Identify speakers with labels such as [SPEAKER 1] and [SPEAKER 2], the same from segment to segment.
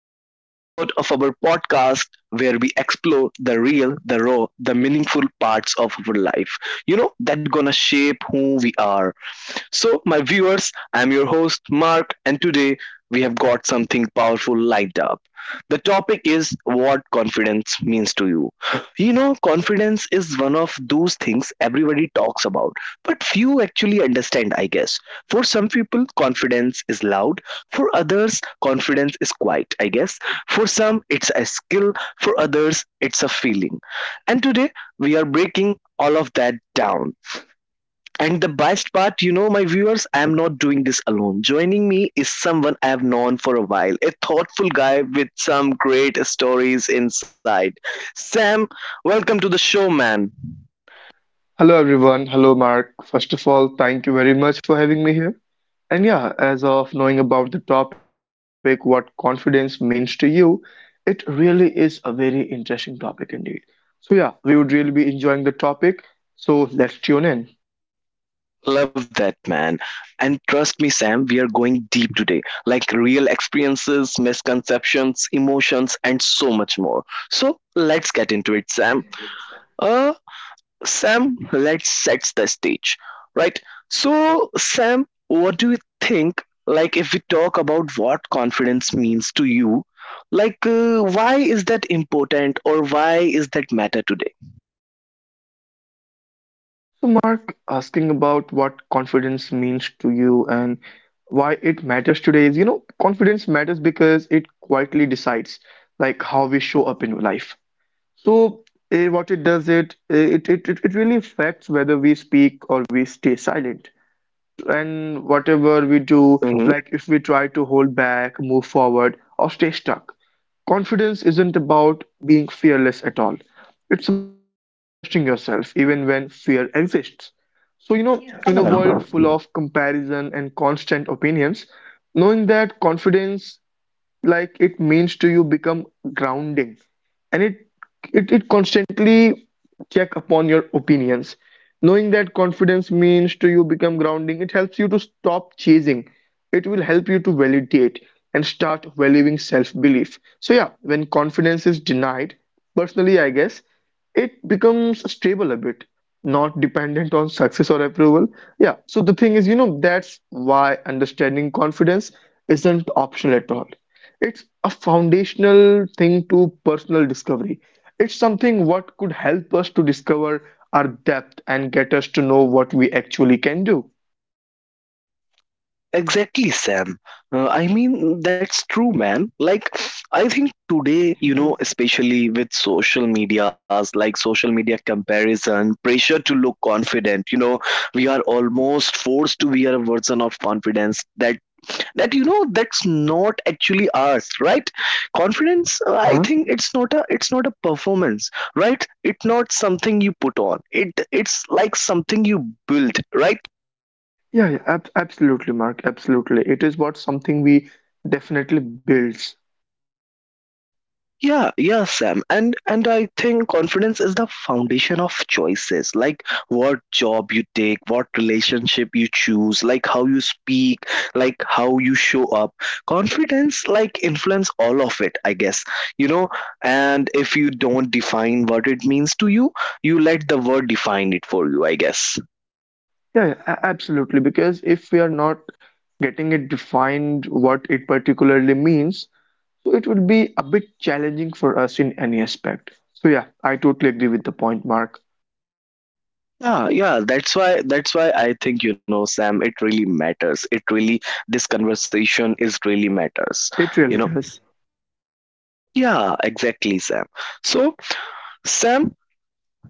[SPEAKER 1] to another episode of our podcast where we explore the real, the raw, the meaningful parts of our life. That gonna shape who we are. My viewers, I'm your host, Mark, and today we have got something powerful lined up. The topic is what confidence means to you. Confidence is one of those things everybody talks about, but few actually understand, I guess. For some people, confidence is loud; for others, confidence is quiet, I guess. For some, it's a skill; for others, it's a feeling. And today, we are breaking all of that down, and the best part, my viewers, I am not doing this alone. Joining me is someone I have known for a while, a thoughtful guy with some great stories inside. Sam, welcome to the show, man.
[SPEAKER 2] Hello everyone. Hello Mark. First of all, thank you very much for having me here. And yeah, as of knowing about the topic, what confidence means to you, it really is a very interesting topic indeed. So yeah, we would really be enjoying the topic. So let's tune in.
[SPEAKER 1] Love that, man. And trust me, Sam, we are going deep today, like real experiences, misconceptions, emotions, and so much more. So let's get into it, Sam. Uh, Sam, let's set the stage, right? So, Sam, what do you think? Like, if we talk about what confidence means to you, like, why is that important or why is that matter today?
[SPEAKER 2] So Mark, asking about what confidence means to you and why it matters today is, you know, confidence matters because it quietly decides like how we show up in life. So, what it does it, it really affects whether we speak or we stay silent. And whatever we do. Mhm. Like if we try to hold back, move forward, or stay stuck. Confidence isn't about being fearless at all. It's about trusting yourself even when fear exists. So, you know, yeah, in a
[SPEAKER 1] Mm-hmm.
[SPEAKER 2] world full of comparison and constant opinions, knowing that confidence like it means to you become grounding, and it constantly check upon your opinions. Knowing that confidence means to you become grounding, it helps you to stop chasing. It will help you to validate and start valuing self-belief. So yeah, when confidence is denied, personally I guess, it becomes stable a bit, not dependent on success or approval. Yeah. So the thing is, you know, that's why understanding confidence isn't optional at all. It's a foundational thing to personal discovery. It's something what could help us to discover our depth and get us to know what we actually can do.
[SPEAKER 1] Exactly, Sam. I mean, that's true, man. Like, I think today, you
[SPEAKER 2] Mhm.
[SPEAKER 1] know, especially with social medias, like social media comparison, pressure to look confident, you know, we are almost forced to wear a version of confidence that that's not actually ours, right? Confidence, I
[SPEAKER 2] Uh-huh.
[SPEAKER 1] think it's not a performance, right? It's not something you put on. It it's like something you build, right?
[SPEAKER 2] Yeah, yeah, absolutely, Mark, absolutely, it is what something we definitely builds.
[SPEAKER 1] Yeah, yeah, Sam. And I think confidence is the foundation of choices, like what job you take, what relationship you choose, like how you speak, like how you show up. Confidence like influence all of it, I guess. You know, and if you don't define what it means to you, you let the word define it for you, I guess.
[SPEAKER 2] Yeah, yeah, absolutely, because if we are not getting it defined what it particularly means, so it would be a bit challenging for us in any aspect. So yeah, I totally agree with the point, Mark.
[SPEAKER 1] Yeah, yeah, that's why I think, you know, Sam, it really matters. It really This conversation is really matters.
[SPEAKER 2] It
[SPEAKER 1] You
[SPEAKER 2] really
[SPEAKER 1] know,
[SPEAKER 2] does.
[SPEAKER 1] yeah, exactly, Sam. So, Sam,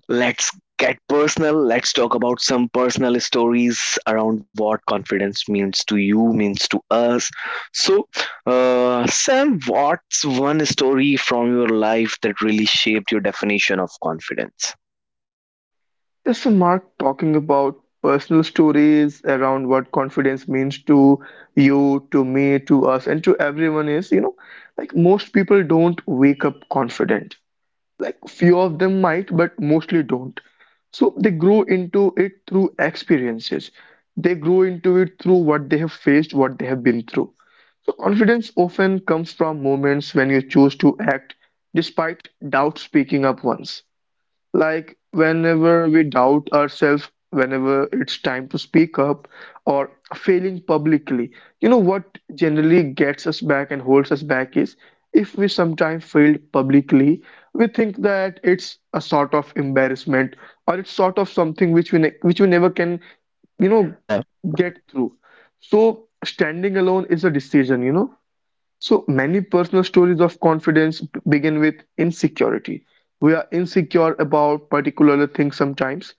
[SPEAKER 1] let's get personal. Let's talk about some personal stories around what confidence means to you, means to us. So, Sam, what's one story from your life that really shaped your definition of confidence?
[SPEAKER 2] Yes, so Mark, talking about personal stories around what confidence means to you, to me, to us, and to everyone is, you know, like most people don't wake up confident. Like few of them might, but mostly don't. So they grow into it through experiences. They grow into it through what they have faced, what they have been through. So confidence often comes from moments when you choose to act despite doubt, speaking up once, like, whenever we doubt ourselves, whenever it's time to speak up, or failing publicly. You know what generally gets us back and holds us back is if we sometimes failed publicly, we think that it's a sort of embarrassment, or it's sort of something which we ne which we never can, you know,
[SPEAKER 1] Yeah,
[SPEAKER 2] get through. So standing alone is a decision, you know, so many personal stories of confidence begin with insecurity. We are insecure about particular things sometimes,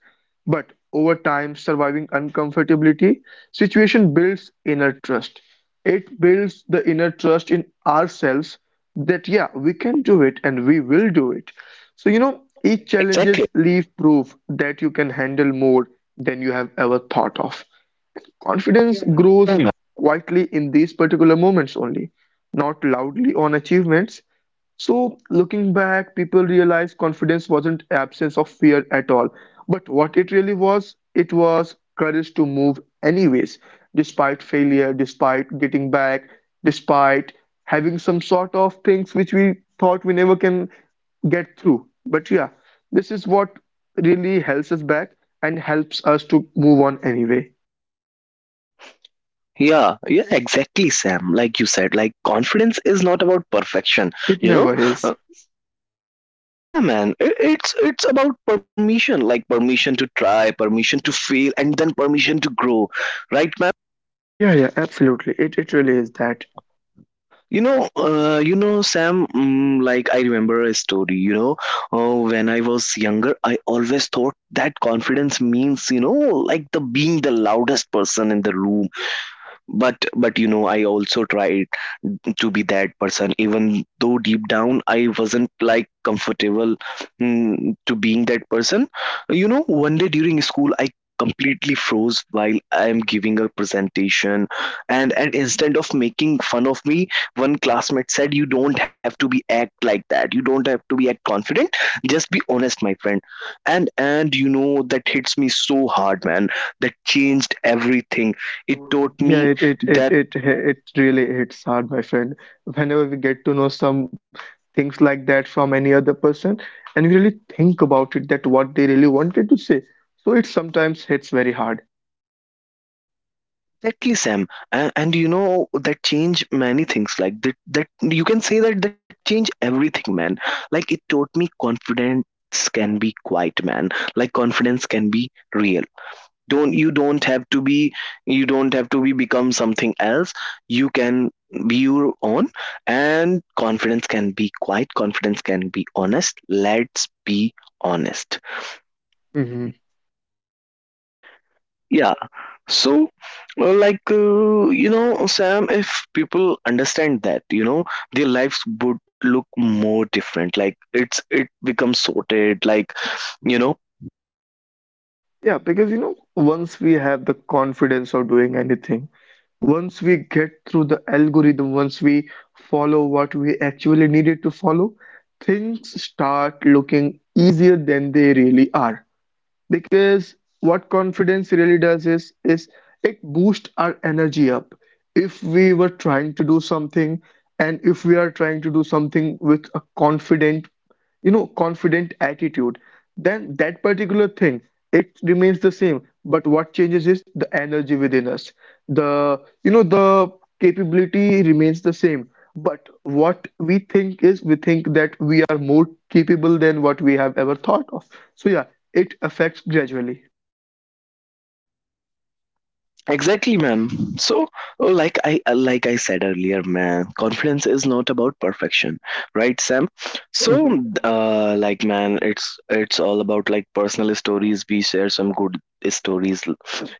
[SPEAKER 2] but over time, surviving uncomfortability situation builds inner trust. It builds the inner trust in ourselves that yeah, we can do it and we will do it. So you know, each
[SPEAKER 1] exactly.
[SPEAKER 2] challenges leave proof that you can handle more than you have ever thought of. Confidence
[SPEAKER 1] Mm.
[SPEAKER 2] grows quietly in these particular moments only, not loudly on achievements. So, looking back, people realize confidence wasn't absence of fear at all, but what it really was, it was courage to move anyways, despite failure, despite getting back, despite having some sort of things which we thought we never can get through. But yeah, this is what really helps us back and helps us to move on anyway.
[SPEAKER 1] Yeah, yeah, exactly, Sam. Like you said, like confidence is not about perfection,
[SPEAKER 2] It
[SPEAKER 1] you know.
[SPEAKER 2] never is.
[SPEAKER 1] Yeah, man. I- it's about permission, like permission to try, permission to fail, and then permission to grow, right, man?
[SPEAKER 2] Yeah, yeah, absolutely. It really is that.
[SPEAKER 1] You know, Sam. Like I remember a story. Oh, when I was younger, I always thought that confidence means, you know, like the being the loudest person in the room. But you know, I also tried to be that person even though deep down I wasn't like comfortable, to being that person. You know, one day during school I completely froze while I am giving a presentation, and instead of making fun of me, one classmate said, "You don't have to be act like that. You don't have to be act confident. Just be honest, my friend." And you know, that hits me so hard, man. That changed everything. It taught
[SPEAKER 2] Yeah,
[SPEAKER 1] me
[SPEAKER 2] it it it
[SPEAKER 1] that.
[SPEAKER 2] it hi- it really hits hard, my friend. Whenever we get to know some things like that from any other person, and we really think about it, that what they really wanted to say. So it sometimes hits very hard.
[SPEAKER 1] Exactly, Sam. And you know, that change many things. Like that, that you can say that that change everything, man. Like it taught me confidence can be quiet, man. Like confidence can be real. Don't you don't have to be, become something else. You can be your own, and confidence can be quiet. Confidence can be honest. Let's be honest.
[SPEAKER 2] Hmm.
[SPEAKER 1] Yeah. So, you know, Sam, if people understand that, you know, their lives would look more different. Like, it becomes sorted. Like, you know.
[SPEAKER 2] Yeah, because you know, once we have the confidence of doing anything, once we get through the algorithm, once we follow what we actually needed to follow, things start looking easier than they really are, because what confidence really does is it boosts our energy up. If we were trying to do something, and if we are trying to do something with a confident, you know, confident attitude, then that particular thing, it remains the same, but what changes is the energy within us. The, you know, the capability remains the same, but what we think is we think that we are more capable than what we have ever thought of. So yeah, it affects gradually.
[SPEAKER 1] Exactly, ma'am. So, like I said earlier, man, confidence is not about perfection, right, Sam? So,
[SPEAKER 2] Mhm.
[SPEAKER 1] like, man, it's all about like personal stories. We share some good stories,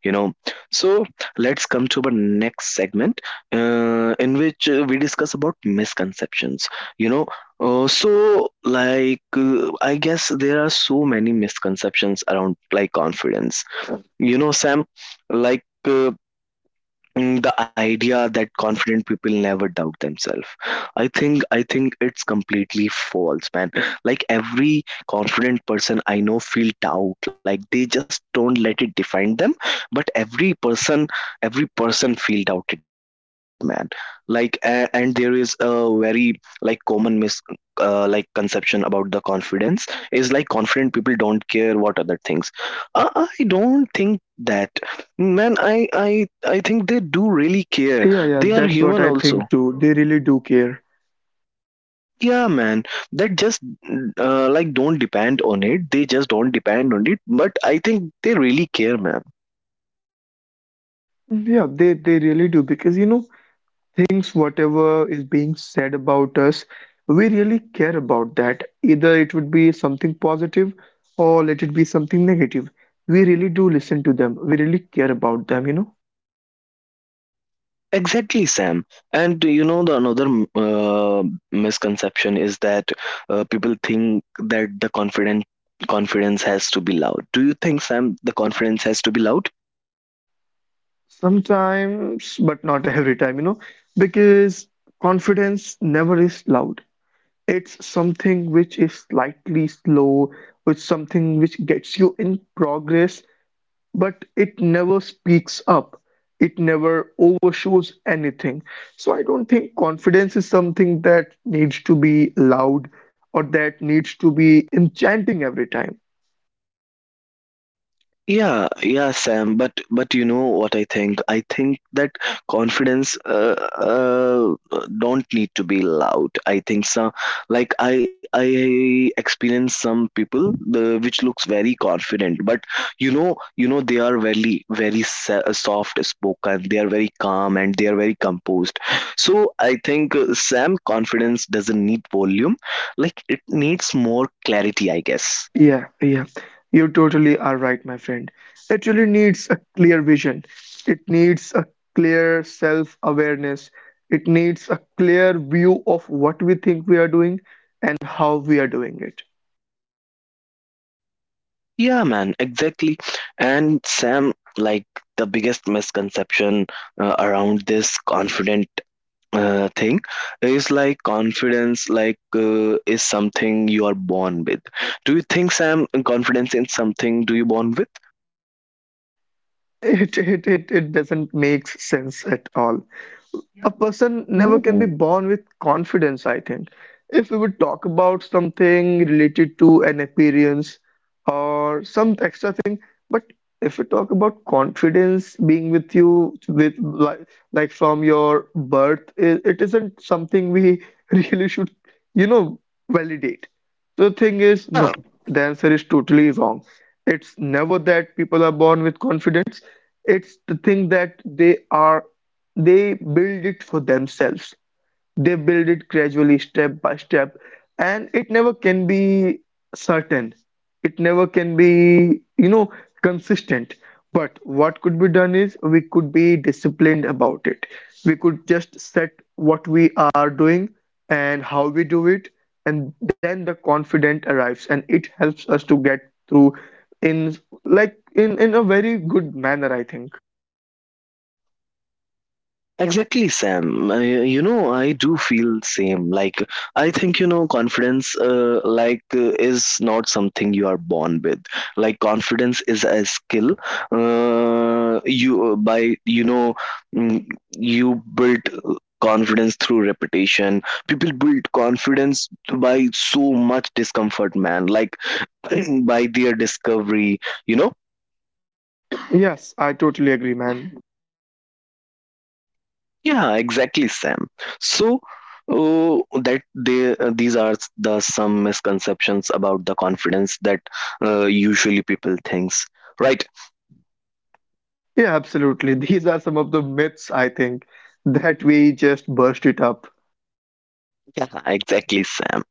[SPEAKER 1] you know. So, let's come to the next segment, in which we discuss about misconceptions. You know, so like I guess there are so many misconceptions around like confidence. You know, Sam, like. The idea that confident people never doubt themselves, I think it's completely false, man. Like every confident person I know feel doubt. Like they just don't let it define them. But every person, every person feel doubted, man. Like, and there is a very like common mis like conception about the confidence is like confident people don't care what other things. I don't think that. Man, I think they do really care.
[SPEAKER 2] Yeah, yeah,
[SPEAKER 1] They are
[SPEAKER 2] that's what
[SPEAKER 1] human
[SPEAKER 2] I
[SPEAKER 1] also.
[SPEAKER 2] think too. They really do care.
[SPEAKER 1] Yeah, man. That just, like don't depend on it. They just don't depend on it. But I think they really care, man.
[SPEAKER 2] Yeah, they really do because you know, things whatever is being said about us, we really care about that. Either it would be something positive or let it be something negative. We really do listen to them. We really care about them, you know.
[SPEAKER 1] Exactly, Sam. And you know the another misconception is that people think that the confident confidence has to be loud. Do you think, Sam, the confidence has to be loud?
[SPEAKER 2] Sometimes, but not every time, you know, because confidence never is loud. It's something which is slightly slow, which something which gets you in progress, but it never speaks up. It never overshows anything. So I don't think confidence is something that needs to be loud or that needs to be enchanting every time.
[SPEAKER 1] Yeah, yeah, Sam. But you know what I think? I think that confidence, uh, don't need to be loud. I think some, like I experience some people the which looks very confident, but you know they are very very soft spoken. They are very calm and they are very composed. So I think, Sam, confidence doesn't need volume. Like it needs more clarity, I guess.
[SPEAKER 2] Yeah, yeah. You totally are right, my friend. It really needs a clear vision. It needs a clear self-awareness. It needs a clear view of what we think we are doing and how we are doing it.
[SPEAKER 1] Yeah, man, exactly. And Sam, like the biggest misconception around this confident thing is like confidence, like is something you are born with. Do you think, Sam, confidence is something do you born with?
[SPEAKER 2] It doesn't make sense at all. A
[SPEAKER 1] Mhm.
[SPEAKER 2] person never can be born with confidence, I think. If we would talk about something related to an appearance or some extra thing, but if we talk about confidence being with you with like from your birth, it isn't something we really should, you know, validate. The thing is,
[SPEAKER 1] Yeah.
[SPEAKER 2] no, the answer is totally wrong. It's never that people are born with confidence. It's the thing that they build it for themselves. They build it gradually, step by step, and it never can be certain. It never can be, you know, consistent. But what could be done is we could be disciplined about it. We could just set what we are doing and how we do it, and then the confident arrives and it helps us to get through in like in a very good manner, I think.
[SPEAKER 1] Exactly, Sam. I, you know, I do feel same. Like I think you know, confidence, is not something you are born with. Like confidence is a skill. You know, mm, you build, confidence through repetition. People build confidence by so much discomfort, man. Like by their discovery. You know.
[SPEAKER 2] Yes, I totally agree, man.
[SPEAKER 1] Yeah, exactly, Sam. So, oh, that they these are the some misconceptions about the confidence that usually people thinks. Right?
[SPEAKER 2] Yeah, absolutely. These are some of the myths, I think, that we just burst it up.
[SPEAKER 1] Yeah, exactly, Sam.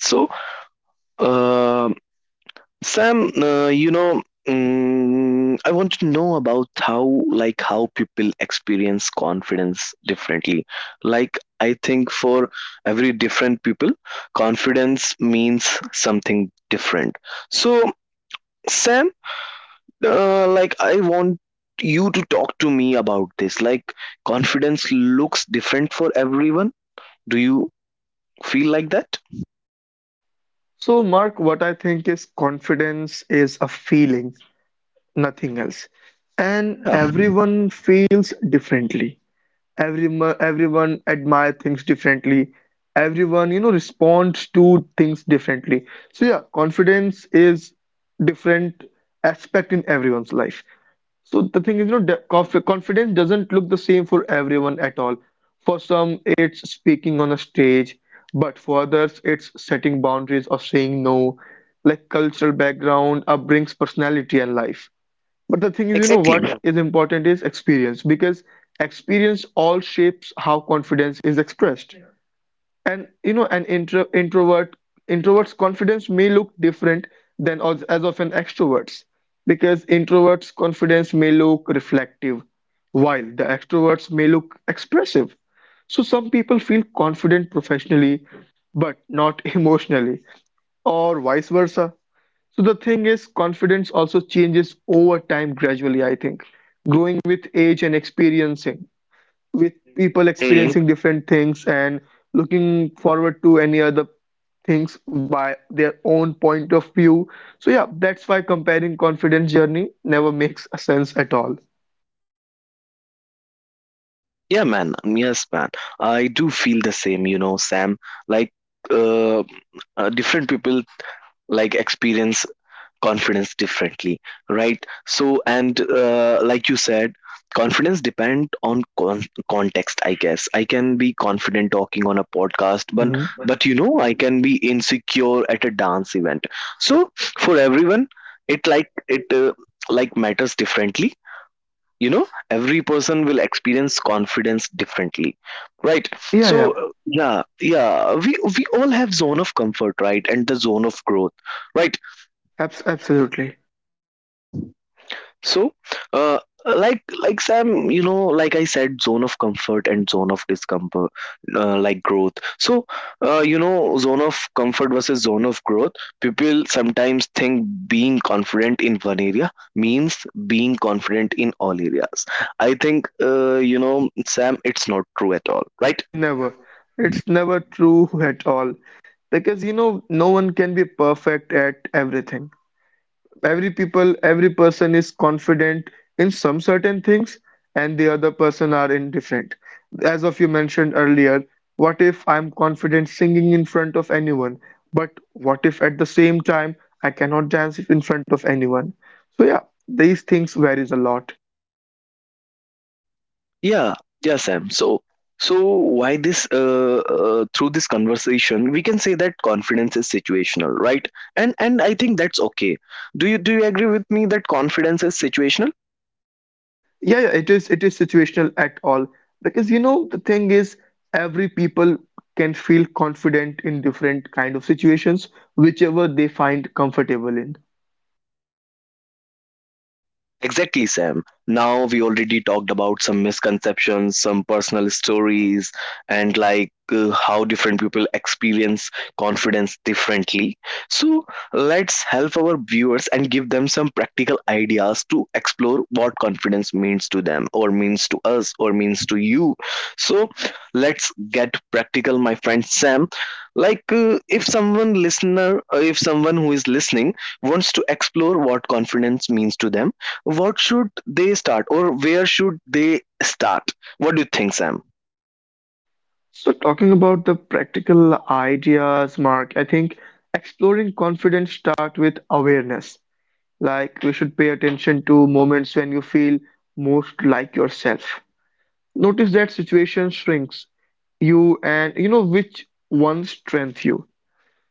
[SPEAKER 1] So, uh, Sam, you know, I want to know about how like how people experience confidence differently. Like I think for every different people, confidence means something different. So. Sam, like I want you to talk to me about this, like confidence looks different for everyone. Do you feel like that?
[SPEAKER 2] So, Mark, what I think is confidence is a feeling, nothing else. And
[SPEAKER 1] Yeah,
[SPEAKER 2] everyone feels differently. Everyone admire things differently. Everyone, you know, responds to things differently. So yeah, confidence is different aspect in everyone's life. So the thing is, you know, confidence doesn't look the same for everyone at all. For some, it's speaking on a stage, but for others, it's setting boundaries or saying no. Like cultural background, upbringings, personality, and life. But the thing is, you know,
[SPEAKER 1] exactly.
[SPEAKER 2] what
[SPEAKER 1] Yeah.
[SPEAKER 2] is important is experience because experience all shapes how confidence is expressed. And you know, an introvert's confidence may look different than as of an extrovert's, because introvert's confidence may look reflective, while the extroverts may look expressive. So some people feel confident professionally, but not emotionally, or vice versa. So the thing is, confidence also changes over time gradually, I think, growing with age and experiencing, with people
[SPEAKER 1] Mhm.
[SPEAKER 2] experiencing different things and looking forward to any other things by their own point of view. So yeah, that's why comparing confidence journey never makes a sense at all.
[SPEAKER 1] Yeah, man. Yes, man. I do feel the same, you know, Sam. Like, uh, different people like experience confidence differently, right? So, and like you said, confidence depend on context, I guess. I can be confident talking on a podcast,
[SPEAKER 2] Hmm.
[SPEAKER 1] but you know I can be insecure at a dance event. So for everyone it like it, like matters differently. You know, every person will experience confidence differently, right?
[SPEAKER 2] Yeah, yeah,
[SPEAKER 1] So, yeah, yeah, we all have zone of comfort, right, and the zone of growth, right?
[SPEAKER 2] absolutely.
[SPEAKER 1] So, uh, like Sam, you know, like I said, zone of comfort and zone of discomfort, like growth. So, you know, zone of comfort versus zone of growth. People sometimes think being confident in one area means being confident in all areas. I think, you know, Sam, it's not true at all, right?
[SPEAKER 2] Never. It's never true at all. Because, you know, no one can be perfect at everything. Every person is confident in some certain things, and the other person are indifferent. As of you mentioned earlier, what if I'm confident singing in front of anyone, but what if at the same time I cannot dance in front of anyone? So yeah, these things varies a lot.
[SPEAKER 1] Yeah, yeah, Sam. So, so why this? Through this conversation, we can say that confidence is situational, right? And I think that's okay. Do you agree with me that confidence is situational?
[SPEAKER 2] Yeah, yeah, it is situational at all, because you know the thing is every people can feel confident in different kind of situations, whichever they find comfortable in.
[SPEAKER 1] Exactly, Sam. Now we already talked about some misconceptions, some personal stories, and like how different people experience confidence differently. So let's help our viewers and give them some practical ideas to explore what confidence means to them, or means to us, or means to you. So let's get practical, my friend Sam. Like, if someone who is listening wants to explore what confidence means to them, what should they start or where should they start? What do you think, Sam?
[SPEAKER 2] So, talking about the practical ideas, Mark, I think exploring confidence start with awareness. Like we should pay attention to moments when you feel most like yourself. Notice that situation shrinks you and you know which one strength you.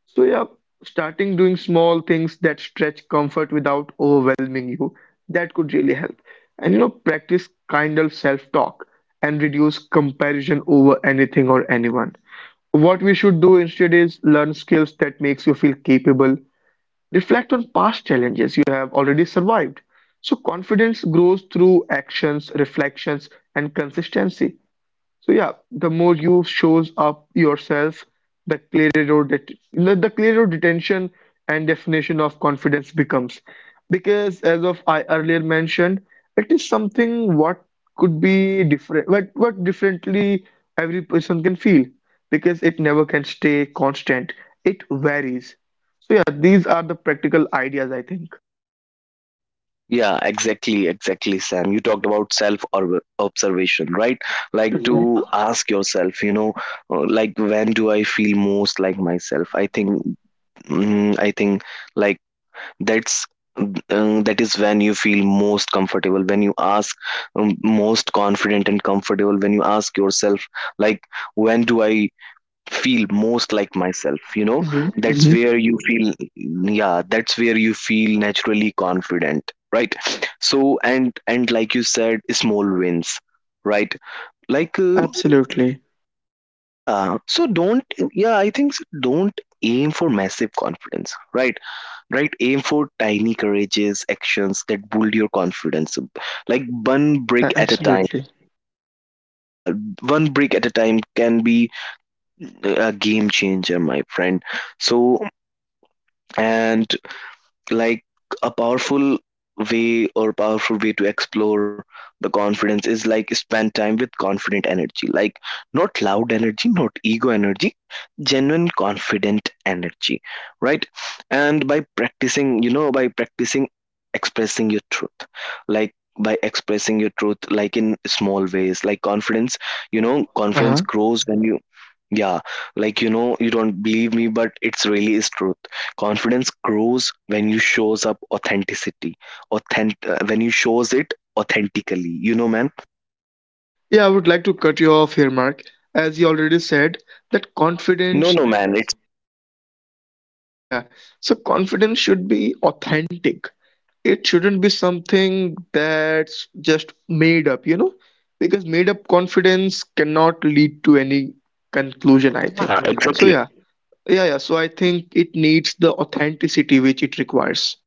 [SPEAKER 2] So yeah, starting doing small things that stretch comfort without overwhelming you, that could really help. And you know, practice kind of self-talk and reduce comparison over anything or anyone. What we should do instead is learn skills that makes you feel capable. Reflect on past challenges you have already survived. So confidence grows through actions, reflections, and consistency. So yeah, the more you shows up yourself, the clearer your det- the clearer detention and definition of confidence becomes. Because as of I earlier mentioned, it is something what could be different, what differently every person can feel. Because it never can stay constant. It varies. So yeah, these are the practical ideas I think.
[SPEAKER 1] Yeah, exactly, exactly, Sam. You talked about self or observation, right? Like
[SPEAKER 2] Mhm,
[SPEAKER 1] to ask yourself, you know, like when do I feel most like myself? I think, I think like that's that is when you feel most comfortable when you ask most confident and comfortable when you ask yourself like when do I feel most like myself.
[SPEAKER 2] mhm,
[SPEAKER 1] That's
[SPEAKER 2] mhm.
[SPEAKER 1] where you feel, yeah, that's where you feel naturally confident, right? So and like you said, small wins, right? like uh,
[SPEAKER 2] Absolutely.
[SPEAKER 1] yeah, so don't yeah I think so, don't aim for massive confidence, right? Right, aim for tiny courageous actions that build your confidence up, like one brick
[SPEAKER 2] A-
[SPEAKER 1] at a time.
[SPEAKER 2] absolutely.
[SPEAKER 1] Yeah, one brick at a time can be a game changer, my friend. So and like a powerful way or powerful way to explore the confidence is like spend time with confident energy, like not loud energy, not ego energy, genuine confident energy, right? And by practicing, by practicing expressing your truth, like by expressing your truth, like in small ways, like confidence, you know, confidence grows when you, yeah, like you know, you don't believe me but it's really is truth. Confidence grows when you shows up authenticity, authentic, when you shows it authentically. You know, man.
[SPEAKER 2] Yeah, I would like to cut you off here, Mark. As you already said, that
[SPEAKER 1] No,
[SPEAKER 2] confidence,
[SPEAKER 1] no, man. It.
[SPEAKER 2] yeah, so confidence should be authentic. It shouldn't be something that's just made up, you know, because made up confidence cannot lead to any conclusion, I think. So, yeah, yeah, yeah. So, I think it needs the authenticity which it requires.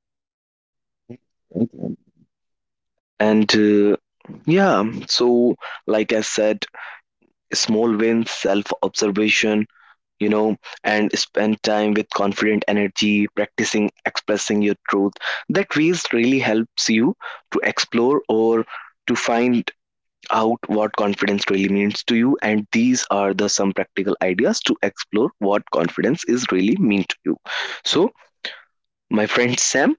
[SPEAKER 1] And yeah, so like I said, small wins, self observation, you know, and spend time with confident energy, practicing expressing your truth. That ways really helps you to explore or to find out what confidence really means to you, and these are the some practical ideas to explore what confidence is really mean to you. So my friend Sam,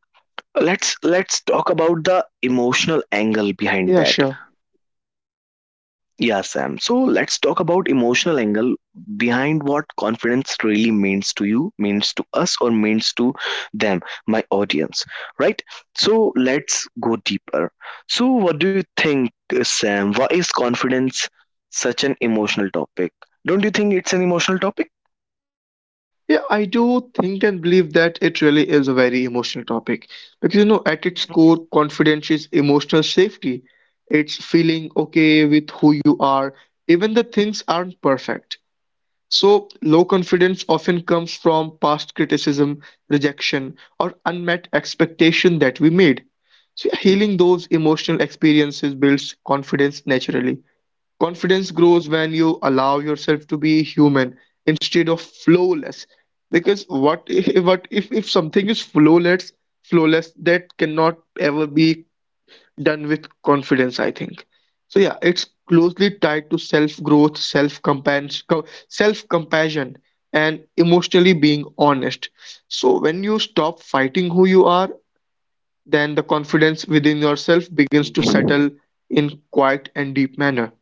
[SPEAKER 1] let's talk about the emotional angle behind
[SPEAKER 2] Yeah,
[SPEAKER 1] that.
[SPEAKER 2] sure.
[SPEAKER 1] Yeah, Sam. So let's talk about emotional angle behind what confidence really means to you, means to us, or means to them, my audience, right? So let's go deeper. So, what do you think, Sam? Why is confidence such an emotional topic? Don't you think it's an emotional topic?
[SPEAKER 2] Yeah, I do think and believe that it really is a very emotional topic because you know, at its core, confidence is emotional safety. It's feeling okay with who you are, even the things aren't perfect. So, low confidence often comes from past criticism, rejection, or unmet expectation that we made. So, yeah, healing those emotional experiences builds confidence naturally. Confidence grows when you allow yourself to be human instead of flawless. Because what if, what if something is flawless, flawless that cannot ever be done with confidence, I think. So yeah, it's closely tied to self-growth, self-compassion, and emotionally being honest. So when you stop fighting who you are, then the confidence within yourself begins to
[SPEAKER 1] Mhm.
[SPEAKER 2] settle in quiet and deep manner.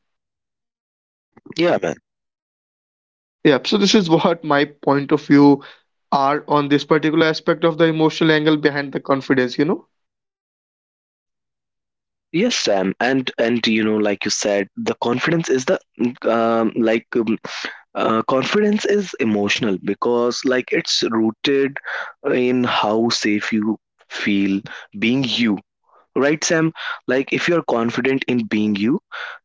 [SPEAKER 1] Yeah, yeah, man.
[SPEAKER 2] Yeah, so this is what my point of view are on this particular aspect of the emotional angle behind the confidence, you know?
[SPEAKER 1] Yes, Sam, and you know, like you said, the confidence is the um, like um, confidence is emotional because like it's rooted in how safe you feel being you, right, Sam? Like if you're confident in being you,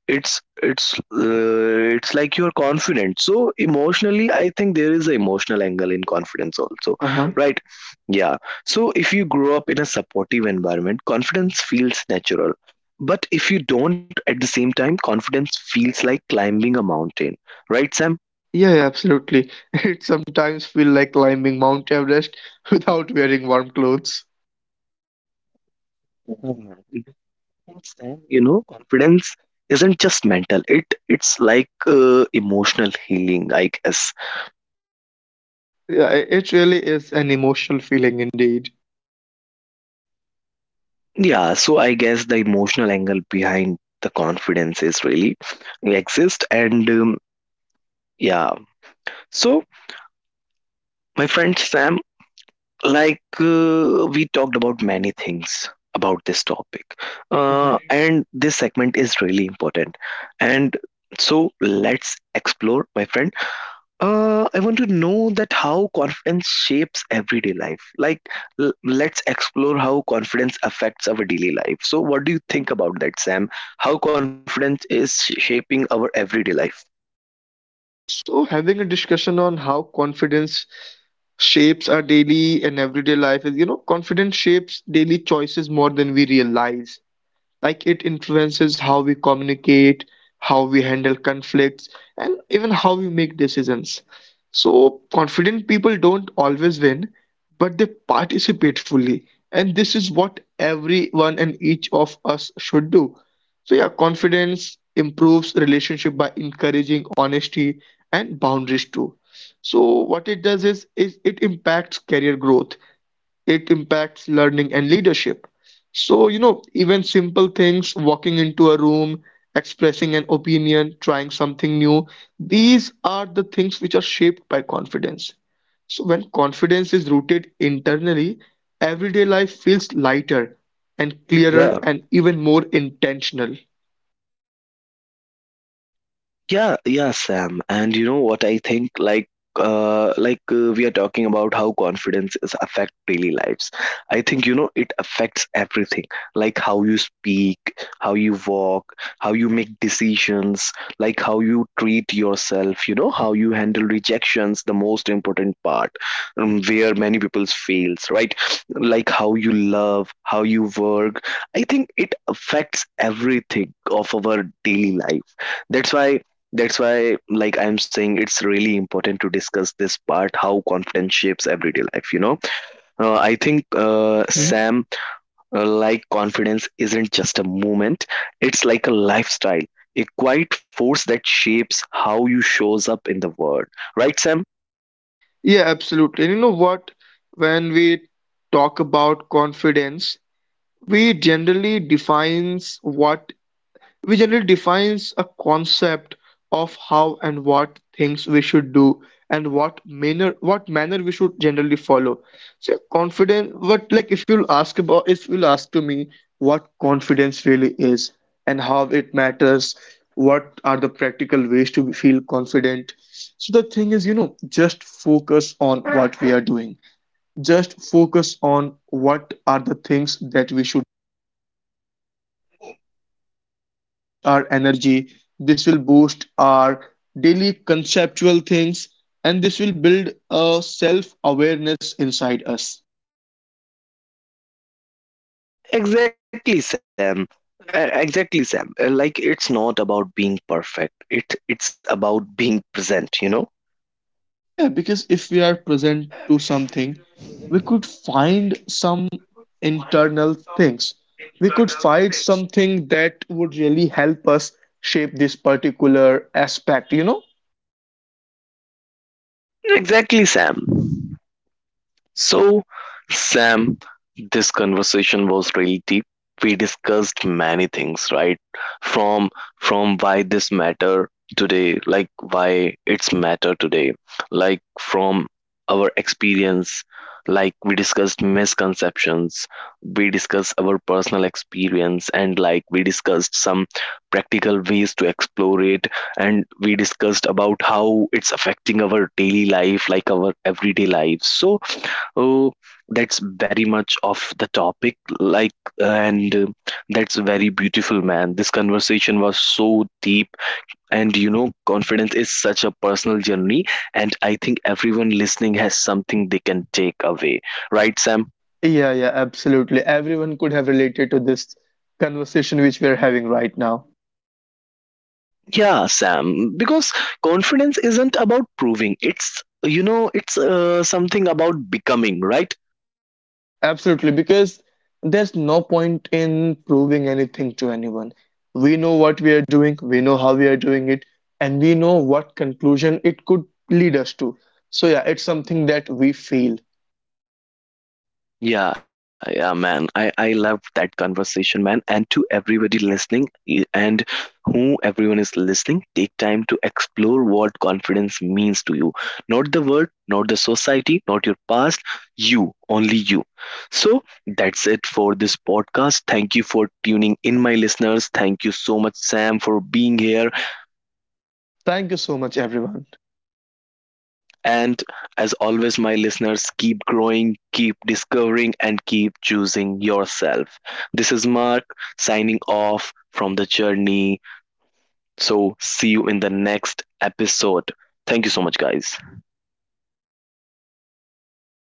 [SPEAKER 1] it's like you're confident, so emotionally I think there is an emotional angle in confidence also,
[SPEAKER 2] Uh-huh.
[SPEAKER 1] right? Yeah, so if you grow up in a supportive environment confidence feels natural, but if you don't at the same time confidence feels like climbing a mountain, right, Sam?
[SPEAKER 2] Yeah, yeah, absolutely. It sometimes feel like climbing Mount Everest without wearing warm clothes.
[SPEAKER 1] Mhm. Because then, you know, confidence isn't just mental. It's like emotional healing, I guess.
[SPEAKER 2] Yeah, it really is an emotional feeling indeed.
[SPEAKER 1] Yeah, so I guess the emotional angle behind the confidence is really exist, and yeah. So my friend Sam, like we talked about many things about this topic,
[SPEAKER 2] Mhm.
[SPEAKER 1] and this segment is really important. And so let's explore, my friend. I want to know that how confidence shapes everyday life. Like, let's explore how confidence affects our daily life. So, what do you think about that, Sam? How confidence is shaping our everyday life?
[SPEAKER 2] So having a discussion on how confidence shapes our daily and everyday life is, you know, confidence shapes daily choices more than we realize. Like it influences how we communicate, how we handle conflicts, and even how we make decisions. So confident people don't always win, but they participate fully, and this is what everyone and each of us should do. So yeah, confidence improves relationship by encouraging honesty and boundaries too. So what it does is it impacts career growth, it impacts learning and leadership. So, you know, even simple things, walking into a room, expressing an opinion, trying something new, these are the things which are shaped by confidence. So, when confidence is rooted internally, everyday life feels lighter and clearer
[SPEAKER 1] Yeah,
[SPEAKER 2] and even more intentional.
[SPEAKER 1] yeah, yeah, Sam. And you know what I think? Like, we are talking about how confidence is affect daily lives. I think you know it affects everything, like how you speak, how you walk, how you make decisions, like how you treat yourself. You know how you handle rejections, the most important part, where many people fails, right? Like how you love, how you work. I think it affects everything of our daily life. That's why that's why, like I'm saying, it's really important to discuss this part how confidence shapes everyday life. You know, I think
[SPEAKER 2] Hmm?
[SPEAKER 1] Sam, like confidence isn't just a moment; it's like a lifestyle, a quiet force that shapes how you shows up in the world. Right, Sam?
[SPEAKER 2] Yeah, absolutely. And you know what? When we talk about confidence, we generally defines what We generally defines a concept of how and what things we should do and what manner we should generally follow. So confidence what, if you'll ask to me what confidence really is and how it matters, what are the practical ways to feel confident. So the thing is, you know, just focus on what we are doing. Just focus on what are the things that we should our energy, this will boost our daily conceptual things, and this will build a self awareness inside us.
[SPEAKER 1] Exactly, Sam. Exactly, Sam. Like it's not about being perfect; it's about being present. You know?
[SPEAKER 2] Yeah, because if we are present to something, we could find some internal things, we could find something that would really help us shape this particular aspect, you know.
[SPEAKER 1] Exactly, Sam. So, Sam, this conversation was really deep. We discussed many things, right? From from why this matter today, like why it's matter today, like from our experience, like we discussed misconceptions, we discussed our personal experience, and like we discussed some practical ways to explore it, and we discussed about how it's affecting our daily life, like our everyday lives. So, oh, that's very much of the topic. Like, and that's very beautiful, man. This conversation was so deep. And you know, confidence is such a personal journey. And I think everyone listening has something they can take away. Right, Sam?
[SPEAKER 2] Yeah, yeah, absolutely, everyone could have related to this conversation which we are having right now.
[SPEAKER 1] Yeah, Sam. Because confidence isn't about proving, it's, you know, it's something about becoming, right?
[SPEAKER 2] Absolutely, because there's no point in proving anything to anyone. We know what we are doing, we know how we are doing it, and we know what conclusion it could lead us to. So, yeah, it's something that we feel.
[SPEAKER 1] Yeah, yeah, man. I love that conversation, man. And to everybody listening, e- and who everyone is listening, take time to explore what confidence means to you. Not the word, not the society, not your past. You, only you. So that's it for this podcast. Thank you for tuning in, my listeners. Thank you so much, Sam, for being here.
[SPEAKER 2] Thank you so much, everyone.
[SPEAKER 1] And as always, my listeners, keep growing, keep discovering, and keep choosing yourself. This is Mark signing off from the journey. So, see you in the next episode. Thank you so much, guys.